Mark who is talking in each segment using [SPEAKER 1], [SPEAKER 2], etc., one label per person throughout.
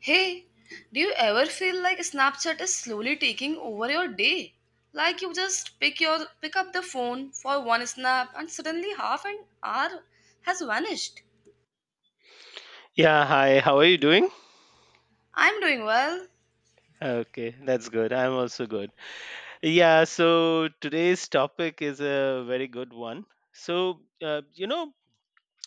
[SPEAKER 1] Hey, do you ever feel like Snapchat is slowly taking over your day? Like you just pick up the phone for one snap and suddenly half an hour has vanished.
[SPEAKER 2] Yeah, hi. How are you doing?
[SPEAKER 1] I'm doing well.
[SPEAKER 2] Okay, that's good. I'm also good. Yeah, so today's topic is a very good one. So,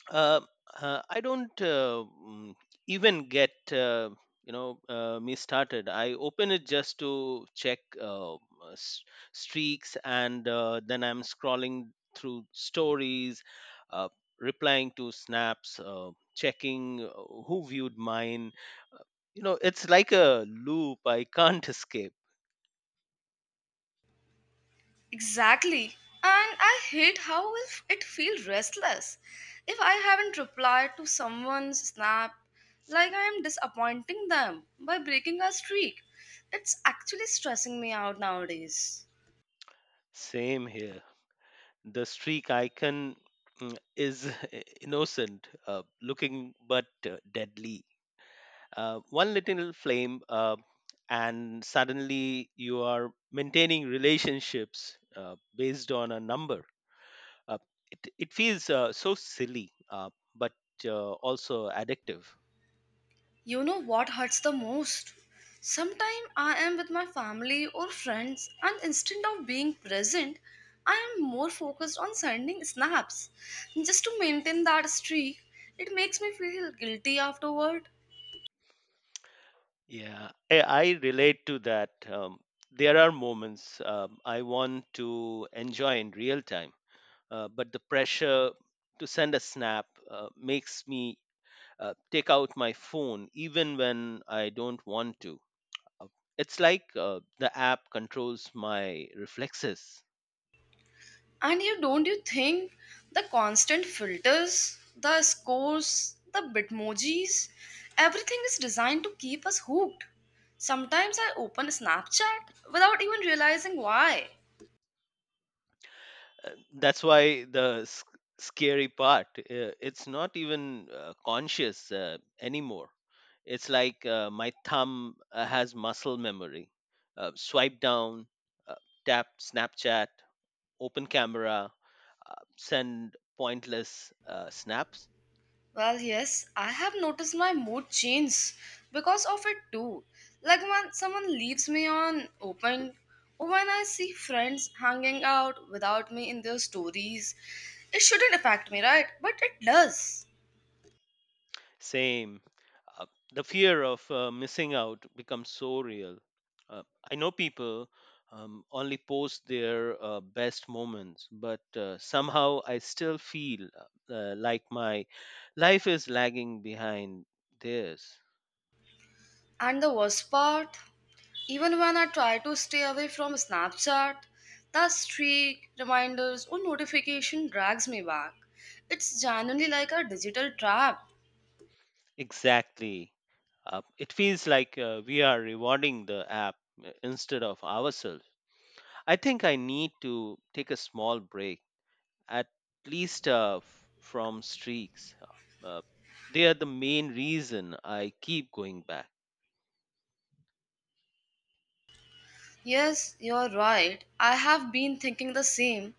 [SPEAKER 2] uh, I don't even get me started. I open it just to check s- streaks, and then I'm scrolling through stories, uh, replying to snaps, checking who viewed mine. Uh, it's like a loop. I can't escape.
[SPEAKER 1] Exactly. And I hate how will it feels restless if I haven't replied to someone's snap, like I am disappointing them by breaking a streak. It's actually stressing me out nowadays.
[SPEAKER 2] Same here. The streak icon is innocent looking but deadly. One little flame, and suddenly you are maintaining relationships based on a number. uh, it feels so silly, but also addictive.
[SPEAKER 1] You know what hurts the most? Sometimes I am with my family or friends, and instead of being present, I am more focused on sending snaps. Just to maintain that streak, it makes me feel guilty afterward.
[SPEAKER 2] Yeah, I relate to that. There are moments I want to enjoy in real time, but the pressure to send a snap makes me take out my phone even when I don't want to. Uh, It's like the app controls my reflexes.
[SPEAKER 1] And you don't you think the constant filters, the scores, the bitmojis, everything is designed to keep us hooked. Sometimes I open Snapchat without even realizing why.
[SPEAKER 2] That's why the scary part. It's not even conscious anymore. It's like my thumb has muscle memory. Swipe down, uh, tap Snapchat, open camera, send pointless snaps.
[SPEAKER 1] Well, yes, I have noticed my mood change because of it too. Like when someone leaves me on open, or when I see friends hanging out without me in their stories, it shouldn't affect me, right? But it does.
[SPEAKER 2] Same. Uh, the fear of missing out becomes so real. Uh, I know people only post their best moments, but somehow I still feel like my life is lagging behind theirs.
[SPEAKER 1] And the worst part, even when I try to stay away from Snapchat, the streak, reminders, or notification drags me back. It's genuinely like a digital trap.
[SPEAKER 2] Exactly. It feels like we are rewarding the app instead of ourselves. I think I need to take a small break at least, from streaks. Uh, uh, they are the main reason I keep going back.
[SPEAKER 1] Yes, you're right. I have been thinking the same.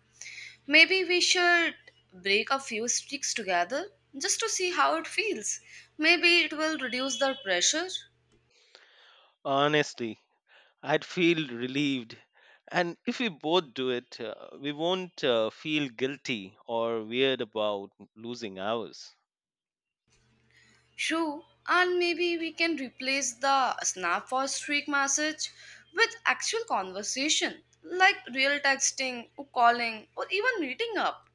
[SPEAKER 1] Maybe we should break a few sticks together just to see how it feels. Maybe it will reduce the pressure.
[SPEAKER 2] Honestly, I'd feel relieved. And if we both do it, we won't feel guilty or weird about losing ours.
[SPEAKER 1] True, and maybe we can replace the snap or streak message with actual conversation, like real texting, or calling, or even meeting up.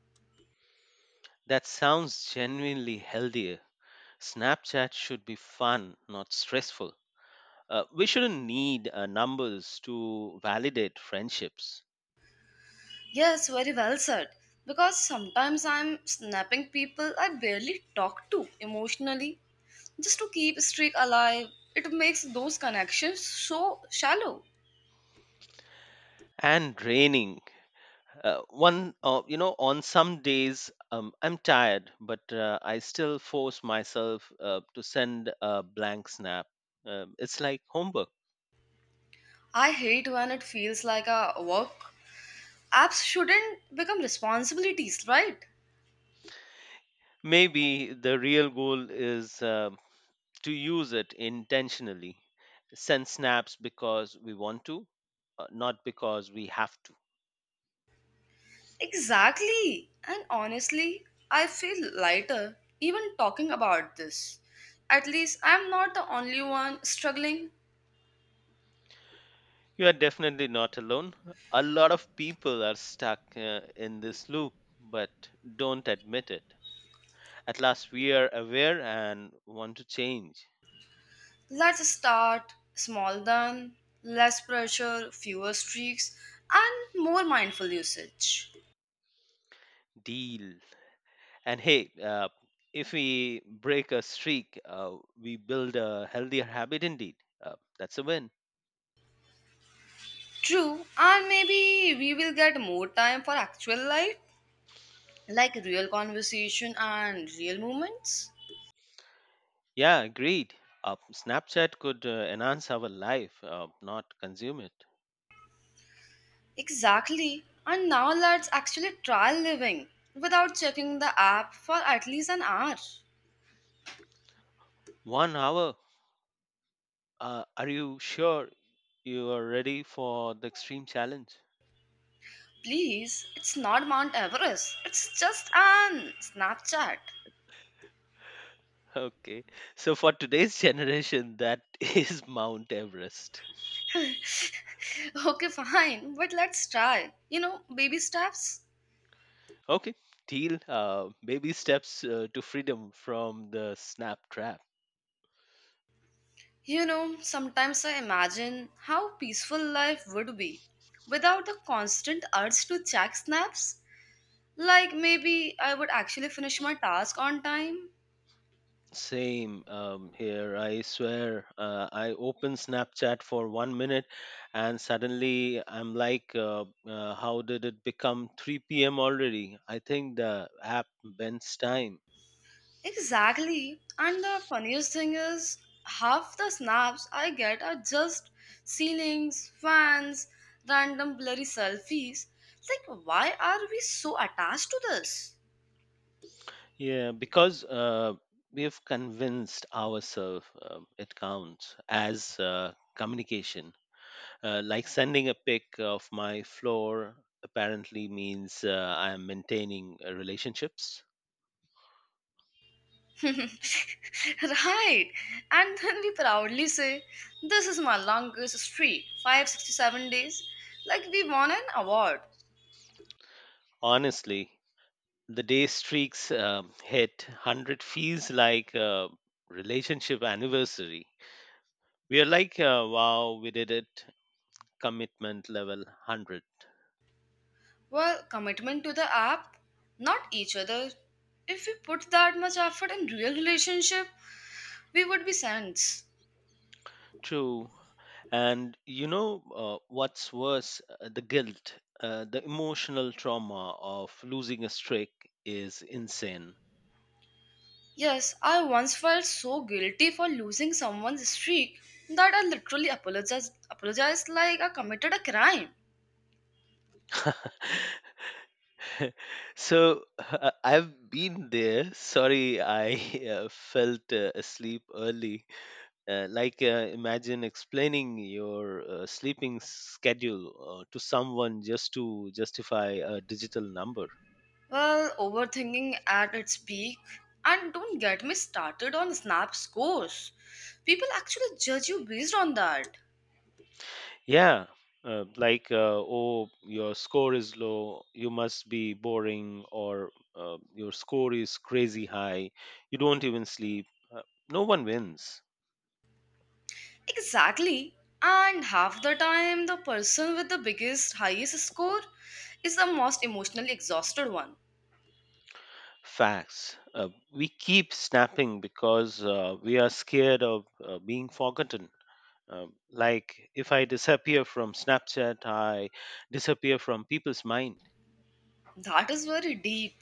[SPEAKER 2] That sounds genuinely healthier. Snapchat should be fun, not stressful. We shouldn't need numbers to validate friendships.
[SPEAKER 1] Yes, very well said. Because sometimes I'm snapping people I barely talk to emotionally just to keep streak alive. It makes those connections so shallow.
[SPEAKER 2] And draining. One, on some days, I'm tired, but I still force myself to send a blank snap. It's like homework.
[SPEAKER 1] I hate when it feels like a work. Apps shouldn't become responsibilities, right?
[SPEAKER 2] Maybe the real goal is to use it intentionally. Send snaps because we want to, not because we have to.
[SPEAKER 1] Exactly. And honestly, I feel lighter even talking about this. At least I'm not the only one struggling.
[SPEAKER 2] You are definitely not alone. A lot of people are stuck in this loop, but don't admit it. At last, we are aware and want to change.
[SPEAKER 1] Let's start small then, less pressure, fewer streaks, and more mindful usage.
[SPEAKER 2] Deal. And hey, if we break a streak, we build a healthier habit indeed. That's a win.
[SPEAKER 1] True, and maybe we will get more time for actual life, like real conversation and real moments.
[SPEAKER 2] Yeah, agreed. Snapchat could enhance our life, not consume it.
[SPEAKER 1] Exactly, and now let's actually try living without checking the app for at least an hour.
[SPEAKER 2] 1 hour. Are you sure you are ready for the extreme challenge?
[SPEAKER 1] Please, it's not Mount Everest, it's just an Snapchat.
[SPEAKER 2] Okay. So for today's generation, that is Mount Everest.
[SPEAKER 1] Okay, fine, but let's try. You know, baby steps.
[SPEAKER 2] Okay. Deal. Baby steps to freedom from the snap trap.
[SPEAKER 1] You know, sometimes I imagine how peaceful life would be without the constant urge to check snaps. Like maybe I would actually finish my task on time.
[SPEAKER 2] Same here. I swear, I open Snapchat for 1 minute, and suddenly I'm like, "How did it become 3 p.m. already?" I think the app bends time.
[SPEAKER 1] Exactly. And the funniest thing is, half the snaps I get are just ceilings, fans, random blurry selfies. It's like, why are we so attached to this?
[SPEAKER 2] Yeah, because we've convinced ourselves it counts as communication. Like sending a pic of my floor apparently means I'm maintaining relationships.
[SPEAKER 1] Right. And then we proudly say, "This is my longest streak, 567 days." Like we won an award.
[SPEAKER 2] Honestly, the day streaks hit 100 feels like a relationship anniversary. We are like, wow, we did it. Commitment level 100.
[SPEAKER 1] Well, commitment to the app, not each other. If we put that much effort in real relationship, we would be saints.
[SPEAKER 2] True. And you know what's worse, the guilt, the emotional trauma of losing a streak is insane.
[SPEAKER 1] Yes, I once felt so guilty for losing someone's streak that I literally apologized like I committed a crime.
[SPEAKER 2] So, I've been there. Sorry, I felt asleep early. Like, imagine explaining your sleeping schedule to someone just to justify a digital number.
[SPEAKER 1] Well, overthinking at its peak. And don't get me started on Snap scores. People actually judge you based on that.
[SPEAKER 2] Yeah. Like, oh, your score is low, you must be boring. Or your score is crazy high, you don't even sleep. uh, no one wins.
[SPEAKER 1] Exactly. And half the time, the person with the biggest, highest score is the most emotionally exhausted one.
[SPEAKER 2] Facts. We keep snapping because we are scared of being forgotten. Like, if I disappear from Snapchat, I disappear from people's mind.
[SPEAKER 1] That is very deep.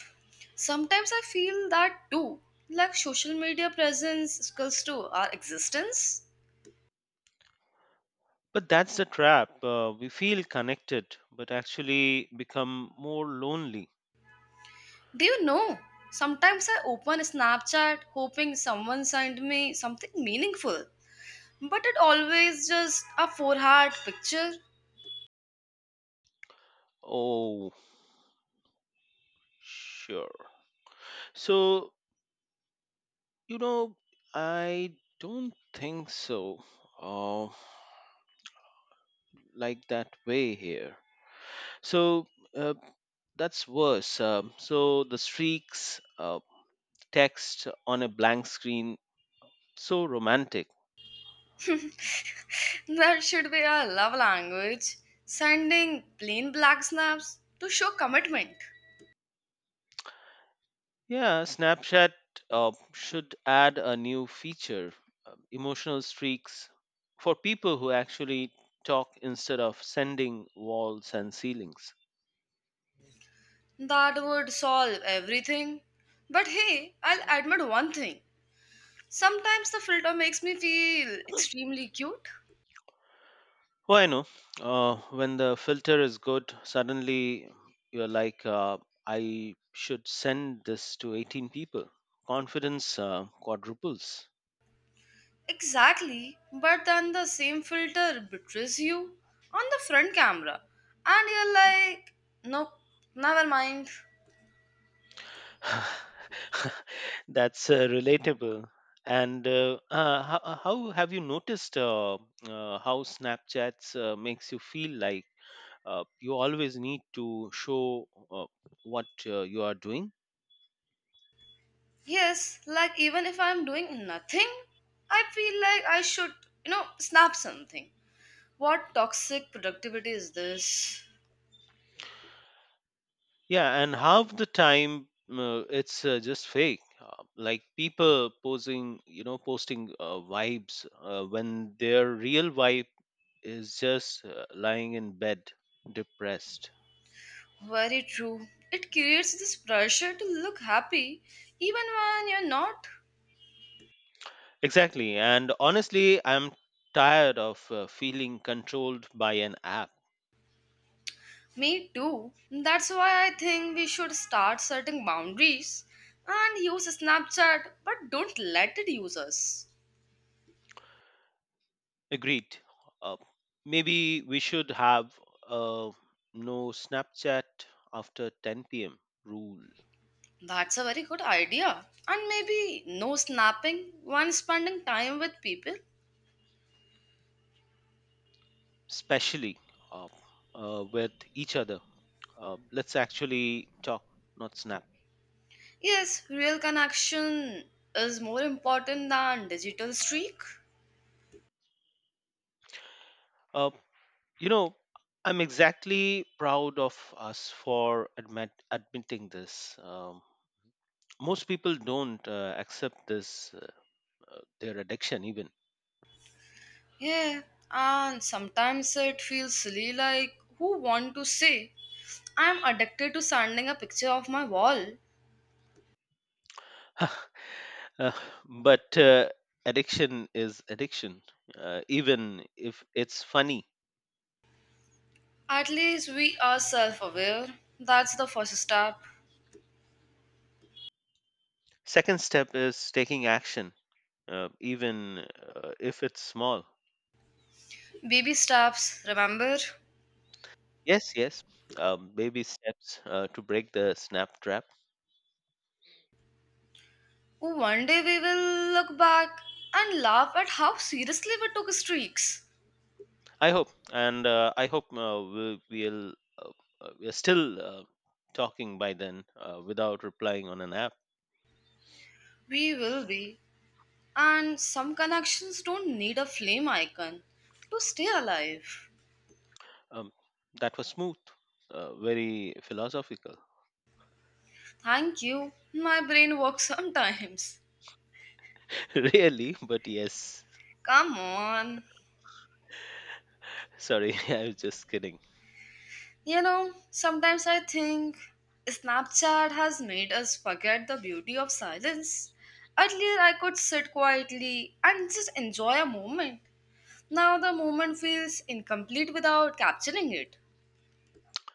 [SPEAKER 1] Sometimes I feel that too. Like social media presence equals to our existence.
[SPEAKER 2] But that's the trap. We feel connected, but actually become more lonely.
[SPEAKER 1] Do you know? Sometimes I open Snapchat hoping someone sent me something meaningful, but it always just a four heart picture.
[SPEAKER 2] Oh, sure. So, you know, I don't think so. Uh, like that way here. So, uh, that's worse. So, the streaks, text on a blank screen. So romantic.
[SPEAKER 1] That should be our love language. Sending plain black snaps to show commitment.
[SPEAKER 2] Yeah, Snapchat should add a new feature, emotional streaks, for people who actually talk instead of sending walls and ceilings.
[SPEAKER 1] That would solve everything. But hey, I'll admit one thing. Sometimes the filter makes me feel extremely cute.
[SPEAKER 2] Well, I know when the filter is good, suddenly you're like, I should send this to 18 people. Confidence quadruples.
[SPEAKER 1] Exactly, but then the same filter betrays you on the front camera, and you're like, nope, never mind.
[SPEAKER 2] That's relatable. And how have you noticed how Snapchats makes you feel like you always need to show what you are doing?
[SPEAKER 1] Yes, like even if I'm doing nothing, I feel like I should, you know, snap something. What toxic productivity is this?
[SPEAKER 2] Yeah, and half the time it's just fake. Like people posing, posting vibes when their real vibe is just lying in bed, depressed.
[SPEAKER 1] Very true. It creates this pressure to look happy even when you're not.
[SPEAKER 2] Exactly. And honestly, I'm tired of feeling controlled by an app.
[SPEAKER 1] Me too. That's why I think we should start setting boundaries and use Snapchat, but don't let it use us.
[SPEAKER 2] Agreed. Uh, Maybe we should have uh, no Snapchat after 10 p.m. rule,
[SPEAKER 1] That's a very good idea. And maybe no snapping when spending time with people.
[SPEAKER 2] especially uh, with each other. Let's actually talk, not snap.
[SPEAKER 1] Yes, real connection is more important than digital streak.
[SPEAKER 2] Uh, you know, I'm exactly proud of us for admitting this. Most people don't accept this, their addiction even.
[SPEAKER 1] Yeah, and sometimes it feels silly, like who want to say I'm addicted to sending a picture of my wall.
[SPEAKER 2] Uh, but addiction is addiction, even if it's funny.
[SPEAKER 1] At least we are self aware. That's the first step.
[SPEAKER 2] Second step is taking action, even if it's small.
[SPEAKER 1] Baby steps, remember?
[SPEAKER 2] Yes, yes. Baby steps to break the snap trap.
[SPEAKER 1] Oh, one day we will look back and laugh at how seriously we took streaks.
[SPEAKER 2] I hope uh, we're still talking by then, without replying on an app.
[SPEAKER 1] We will be. And some connections don't need a flame icon to stay alive.
[SPEAKER 2] Um, that was smooth very philosophical
[SPEAKER 1] Thank you. My brain works sometimes.
[SPEAKER 2] Really, but yes.
[SPEAKER 1] Come on.
[SPEAKER 2] Sorry, I was just kidding.
[SPEAKER 1] You know, sometimes I think Snapchat has made us forget the beauty of silence. Earlier, I could sit quietly and just enjoy a moment. Now, the moment feels incomplete without capturing it.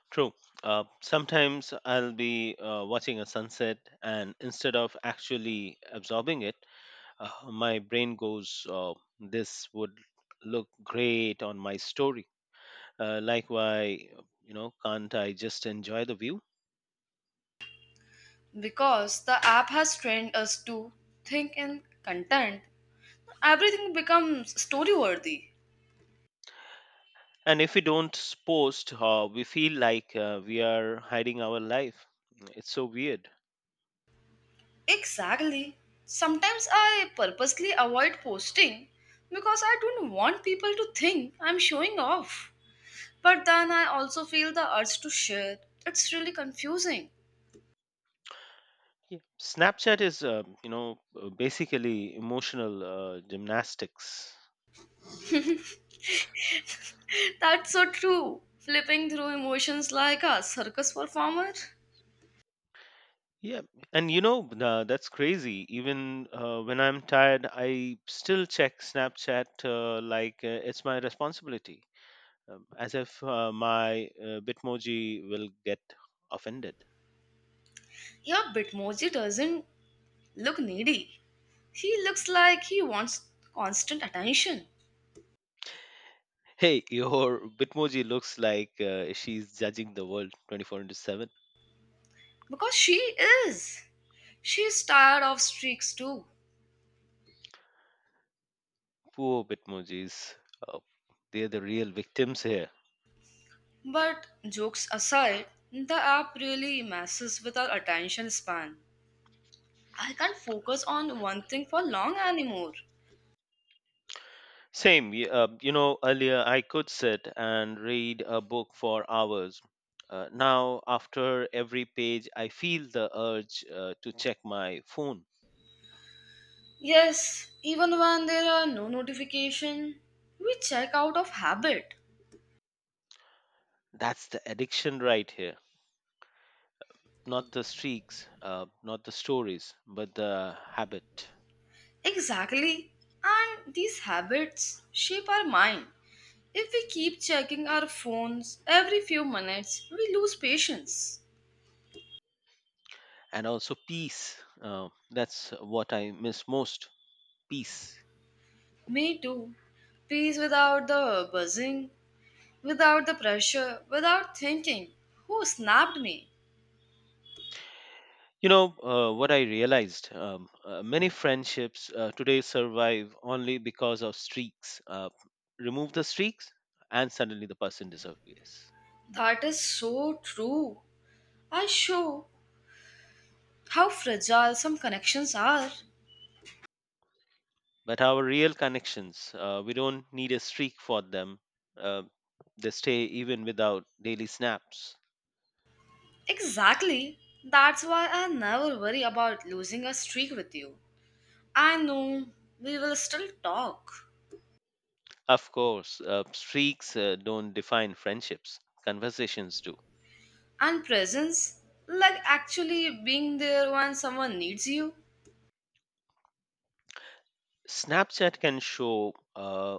[SPEAKER 2] True. Sometimes I'll be watching a sunset, and instead of actually absorbing it, my brain goes, "This would look great on my story." Like, why, can't I just enjoy the view?
[SPEAKER 1] Because the app has trained us to think in content, everything becomes story worthy.
[SPEAKER 2] And if we don't post, we feel like we are hiding our life. It's so weird.
[SPEAKER 1] Exactly. Sometimes I purposely avoid posting because I don't want people to think I'm showing off. But then I also feel the urge to share. It's really confusing.
[SPEAKER 2] Yeah. Snapchat is, basically emotional gymnastics.
[SPEAKER 1] That's so true. Flipping through emotions like a circus performer.
[SPEAKER 2] Yeah, and that's crazy. Even when I'm tired, I still check Snapchat, like it's my responsibility, as if my Bitmoji will get offended.
[SPEAKER 1] Yeah, Bitmoji doesn't look needy. He looks like he wants constant attention.
[SPEAKER 2] Hey, your Bitmoji looks like she's judging the world 24 into 7.
[SPEAKER 1] Because she is. She's tired of streaks too.
[SPEAKER 2] Poor Bitmojis, uh, they're the real victims here.
[SPEAKER 1] But jokes aside, the app really messes with our attention span. I can't focus on one thing for long anymore.
[SPEAKER 2] Same. Earlier I could sit and read a book for hours. Now, after every page, I feel the urge to check my phone.
[SPEAKER 1] Yes, even when there are no notification, we check out of habit.
[SPEAKER 2] That's the addiction right here. Not the streaks, not the stories, but the habit.
[SPEAKER 1] Exactly. And these habits shape our mind. If we keep checking our phones every few minutes, we lose patience.
[SPEAKER 2] And also peace. That's what I miss most. Peace.
[SPEAKER 1] Me too. Peace without the buzzing, without the pressure, without thinking. Who snapped me?
[SPEAKER 2] You know what I realized, many friendships today survive only because of streaks. Remove the streaks, and suddenly the person disappears.
[SPEAKER 1] That is so true. I show how fragile some connections are.
[SPEAKER 2] But our real connections, we don't need a streak for them. Uh, they stay even without daily snaps.
[SPEAKER 1] Exactly. That's why I never worry about losing a streak with you. I know we will still talk.
[SPEAKER 2] Of course, streaks don't define friendships, conversations do.
[SPEAKER 1] And presence, like actually being there when someone needs you.
[SPEAKER 2] Snapchat can show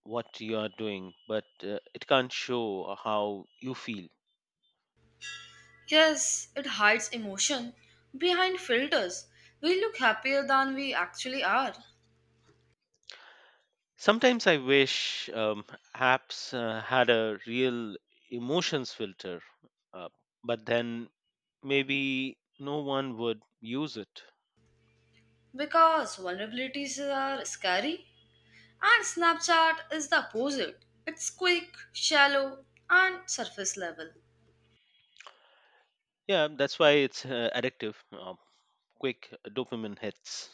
[SPEAKER 2] what you are doing, but it can't show how you feel.
[SPEAKER 1] Yes, it hides emotion behind filters. We look happier than we actually are,
[SPEAKER 2] Sometimes I wish apps had a real emotions filter, uh, but then maybe no one would use it.
[SPEAKER 1] because vulnerabilities are scary. And Snapchat is the opposite. It's quick, shallow, and surface level.
[SPEAKER 2] Yeah, that's why it's addictive, quick dopamine hits.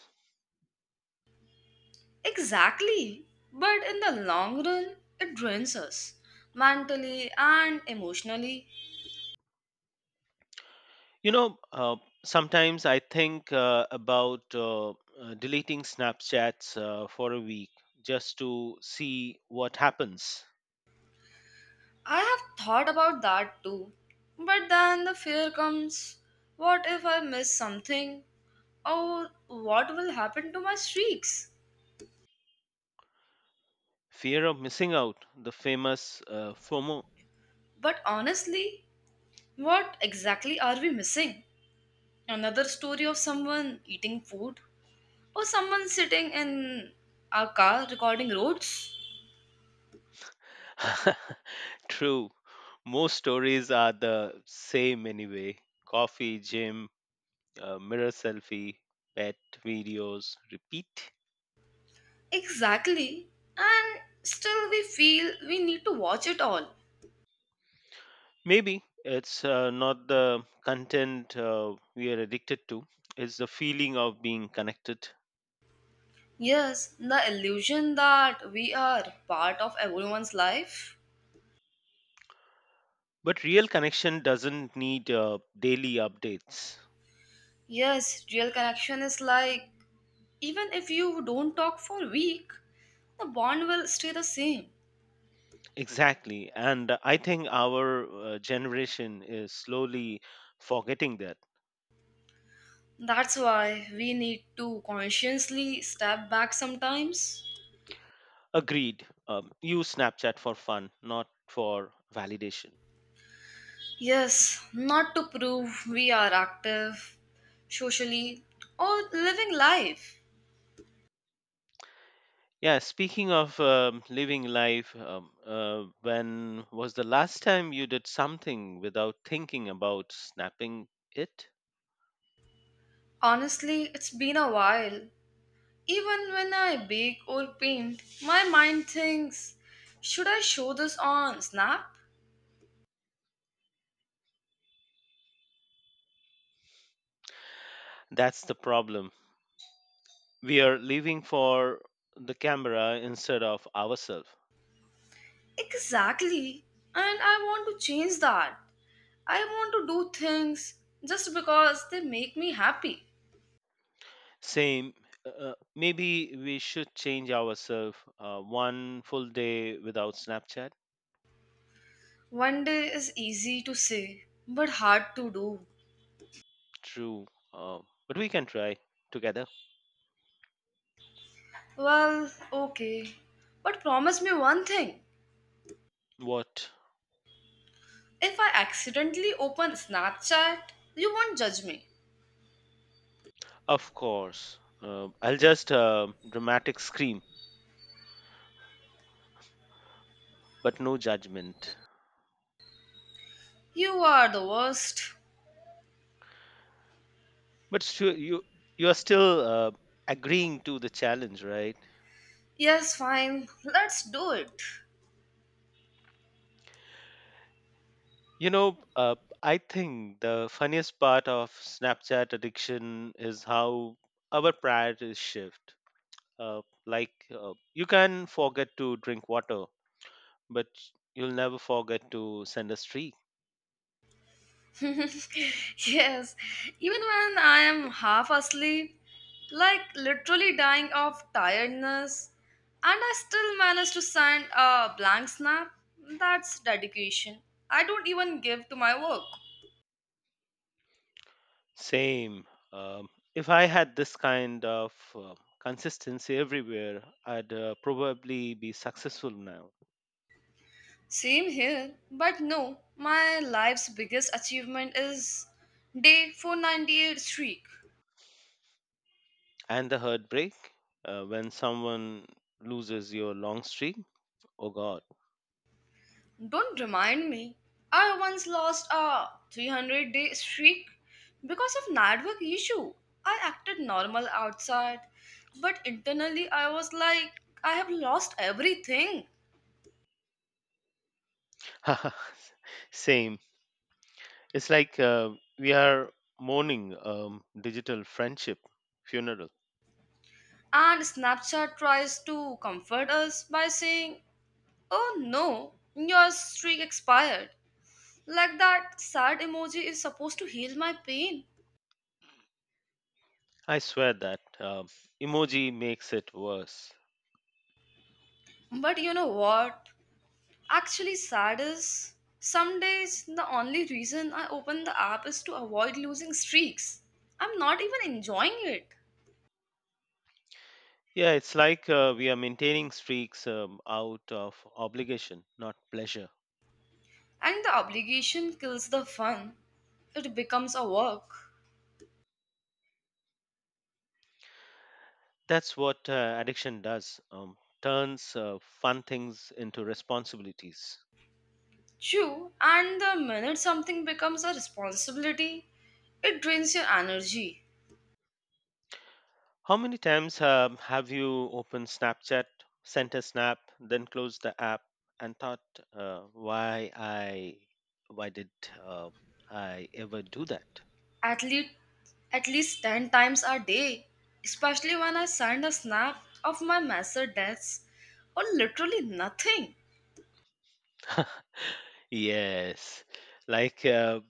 [SPEAKER 1] Exactly. But in the long run, it drains us mentally and emotionally.
[SPEAKER 2] You know, uh, Sometimes I think about deleting Snapchats for a week just to see what happens.
[SPEAKER 1] I have thought about that too. But then the fear comes, what if I miss something? Or what will happen to my streaks?
[SPEAKER 2] Fear of missing out, the famous FOMO.
[SPEAKER 1] But honestly, what exactly are we missing? Another story of someone eating food? Or someone sitting in our car recording roads?
[SPEAKER 2] True. Most stories are the same anyway. Coffee, gym, mirror selfie, pet videos, repeat.
[SPEAKER 1] Exactly. And still, we feel we need to watch it all.
[SPEAKER 2] Maybe it's not the content we are addicted to, it's the feeling of being connected.
[SPEAKER 1] Yes, the illusion that we are part of everyone's life.
[SPEAKER 2] But real connection doesn't need daily updates.
[SPEAKER 1] Yes, real connection is like, even if you don't talk for a week, the bond will stay the same.
[SPEAKER 2] Exactly. And I think our generation is slowly forgetting that.
[SPEAKER 1] That's why we need to consciously step back sometimes.
[SPEAKER 2] Agreed. Use Snapchat for fun, not for validation.
[SPEAKER 1] Yes, not to prove we are active socially or living life.
[SPEAKER 2] Yeah, speaking of living life, when was the last time you did something without thinking about snapping it?
[SPEAKER 1] Honestly, it's been a while. Even when I bake or paint, my mind thinks, should I show this on Snap?
[SPEAKER 2] That's the problem. We are living for the camera instead of ourselves.
[SPEAKER 1] Exactly. And I want to change that. I want to do things just because they make me happy.
[SPEAKER 2] Same. Maybe we should change ourselves one full day without Snapchat.
[SPEAKER 1] One day is easy to say, but hard to do.
[SPEAKER 2] True. Uh, but we can try together.
[SPEAKER 1] Well, okay. But promise me one thing.
[SPEAKER 2] What?
[SPEAKER 1] If I accidentally open Snapchat, you won't judge me.
[SPEAKER 2] Of course. I'll just dramatic scream. But no judgment.
[SPEAKER 1] You are the worst.
[SPEAKER 2] But sure, you are still agreeing to the challenge, right?
[SPEAKER 1] Yes, fine. Let's do it.
[SPEAKER 2] You know, uh, I think the funniest part of Snapchat addiction is how our priorities shift. Like you can forget to drink water, but you'll never forget to send a streak.
[SPEAKER 1] Yes, even when I am half asleep, like literally dying of tiredness, and I still manage to send a blank snap, that's dedication. I don't even give to my work.
[SPEAKER 2] Same. Um, if I had this kind of consistency everywhere, I'd probably be successful now.
[SPEAKER 1] Same here, but no, my life's biggest achievement is day 498 streak.
[SPEAKER 2] And the heartbreak, when someone loses your long streak. Oh God.
[SPEAKER 1] Don't remind me. I once lost a 300-day streak because of network issue. I acted normal outside, but internally I was like, I have lost everything.
[SPEAKER 2] Same. It's like we are mourning digital friendship funeral.
[SPEAKER 1] And Snapchat tries to comfort us by saying, "Oh no, your streak expired." Like that sad emoji is supposed to heal my pain.
[SPEAKER 2] I swear that emoji makes it worse.
[SPEAKER 1] But you know what? Actually, sad is some days the only reason I open the app is to avoid losing streaks. I'm not even enjoying it.
[SPEAKER 2] Yeah, it's like we are maintaining streaks out of obligation, not pleasure.
[SPEAKER 1] And the obligation kills the fun. It becomes a work.
[SPEAKER 2] That's what addiction does. Turns fun things into responsibilities.
[SPEAKER 1] True, and the minute something becomes a responsibility, it drains your energy.
[SPEAKER 2] How many times have you opened Snapchat, sent a snap, then closed the app, and thought, uh, "Why I, why did uh, I ever do that?"
[SPEAKER 1] At least at least 10 times a day, especially when I send a snap of my message deaths or literally nothing.
[SPEAKER 2] Yes, like,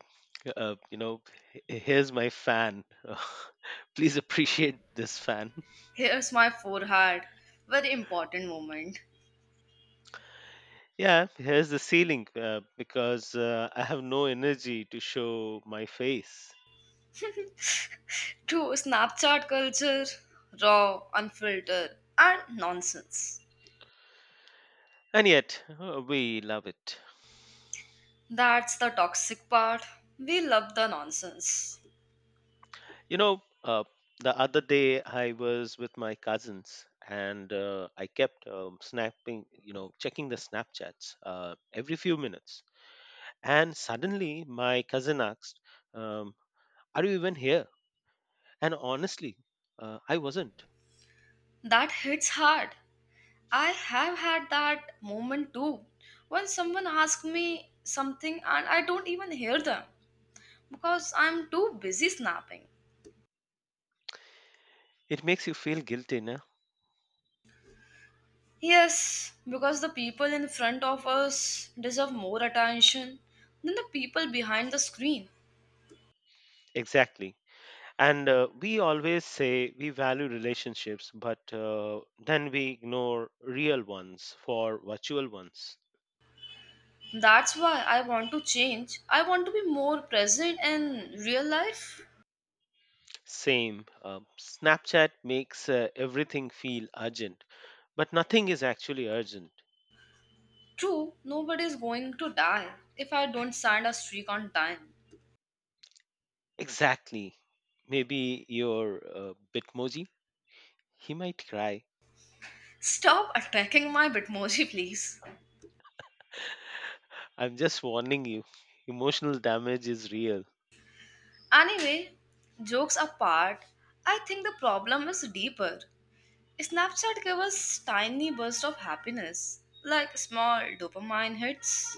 [SPEAKER 2] uh, you know, Here's my fan. Please appreciate this fan.
[SPEAKER 1] Here's my forehead. Very important moment.
[SPEAKER 2] Yeah, here's the ceiling, because I have no energy to show my face,
[SPEAKER 1] To Snapchat culture, raw, unfiltered, and nonsense.
[SPEAKER 2] and yet we love it.
[SPEAKER 1] That's the toxic part. We love the nonsense.
[SPEAKER 2] You know, uh, the other day I was with my cousins and I kept snapping, checking the Snapchats every few minutes. And suddenly my cousin asked, um, "Are you even here?" And honestly, I wasn't.
[SPEAKER 1] That hits hard. I have had that moment too. When someone asks me something and I don't even hear them because I'm too busy snapping.
[SPEAKER 2] It makes you feel guilty, no?
[SPEAKER 1] Yes, because the people in front of us deserve more attention than the people behind the screen.
[SPEAKER 2] Exactly. And we always say we value relationships, but then we ignore real ones for virtual ones.
[SPEAKER 1] That's why I want to change. I want to be more present in real life.
[SPEAKER 2] Same. Snapchat makes everything feel urgent, but nothing is actually urgent.
[SPEAKER 1] True, nobody's going to die if I don't stand a streak on time.
[SPEAKER 2] Exactly. Maybe your Bitmoji? He might cry.
[SPEAKER 1] Stop attacking my Bitmoji, please.
[SPEAKER 2] I'm just warning you. Emotional damage is real.
[SPEAKER 1] Anyway, jokes apart, I think the problem is deeper. Snapchat gives us tiny bursts of happiness, like small dopamine hits.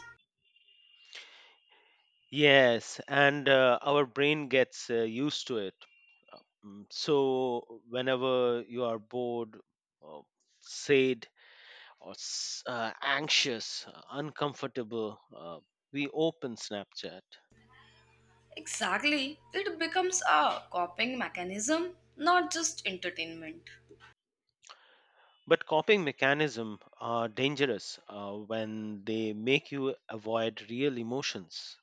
[SPEAKER 2] Yes, and our brain gets used to it. Uh, So, whenever you are bored, or sad, or anxious, uncomfortable, we open Snapchat.
[SPEAKER 1] Exactly, it becomes a coping mechanism, not just entertainment.
[SPEAKER 2] But coping mechanisms are dangerous when they make you avoid real emotions.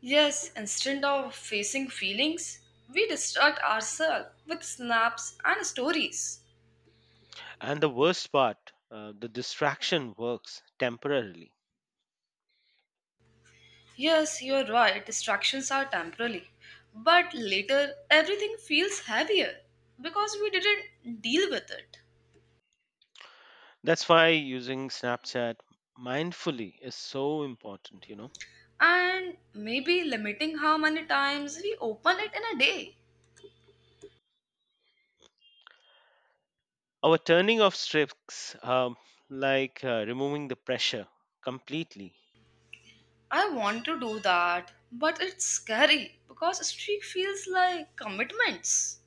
[SPEAKER 1] Yes, instead of facing feelings, we distract ourselves with snaps and stories.
[SPEAKER 2] And the worst part, the distraction works temporarily.
[SPEAKER 1] Yes, you're right, distractions are temporary. But later, everything feels heavier because we didn't deal with it.
[SPEAKER 2] That's why using Snapchat mindfully is so important.
[SPEAKER 1] And maybe limiting how many times we open it in a day.
[SPEAKER 2] Our turning off strips, like removing the pressure completely.
[SPEAKER 1] I want to do that, but it's scary because streak feels like commitments.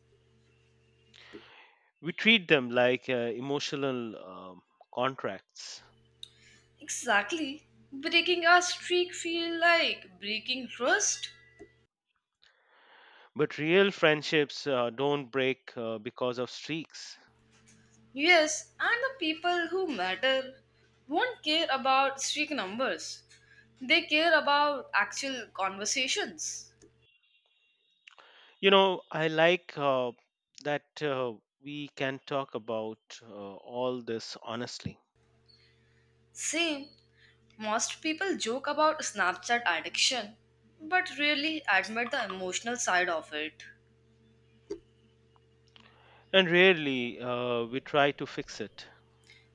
[SPEAKER 2] We treat them like emotional contracts.
[SPEAKER 1] Exactly. Breaking our streak feel like breaking trust.
[SPEAKER 2] But real friendships don't break because of streaks.
[SPEAKER 1] Yes, and the people who matter won't care about streak numbers. They care about actual conversations.
[SPEAKER 2] I like that we can talk about all this honestly.
[SPEAKER 1] Same, most people joke about Snapchat addiction, but rarely admit the emotional side of it.
[SPEAKER 2] And rarely we try to fix it.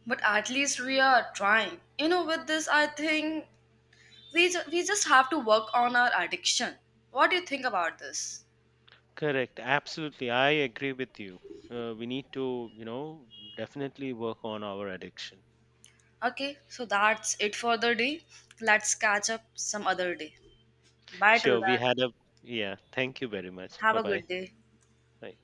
[SPEAKER 1] But at least we are trying. You know, with this, I think we just have to work on our addiction. What do you think about this?
[SPEAKER 2] Correct. Absolutely. I agree with you. We need to, definitely work on our addiction.
[SPEAKER 1] Okay, so that's it for the day. Let's catch up some other day. Bye till
[SPEAKER 2] Sure. We
[SPEAKER 1] then.
[SPEAKER 2] had a, yeah. Thank you very much.
[SPEAKER 1] Have
[SPEAKER 2] Bye
[SPEAKER 1] a
[SPEAKER 2] bye.
[SPEAKER 1] good day.
[SPEAKER 2] Bye.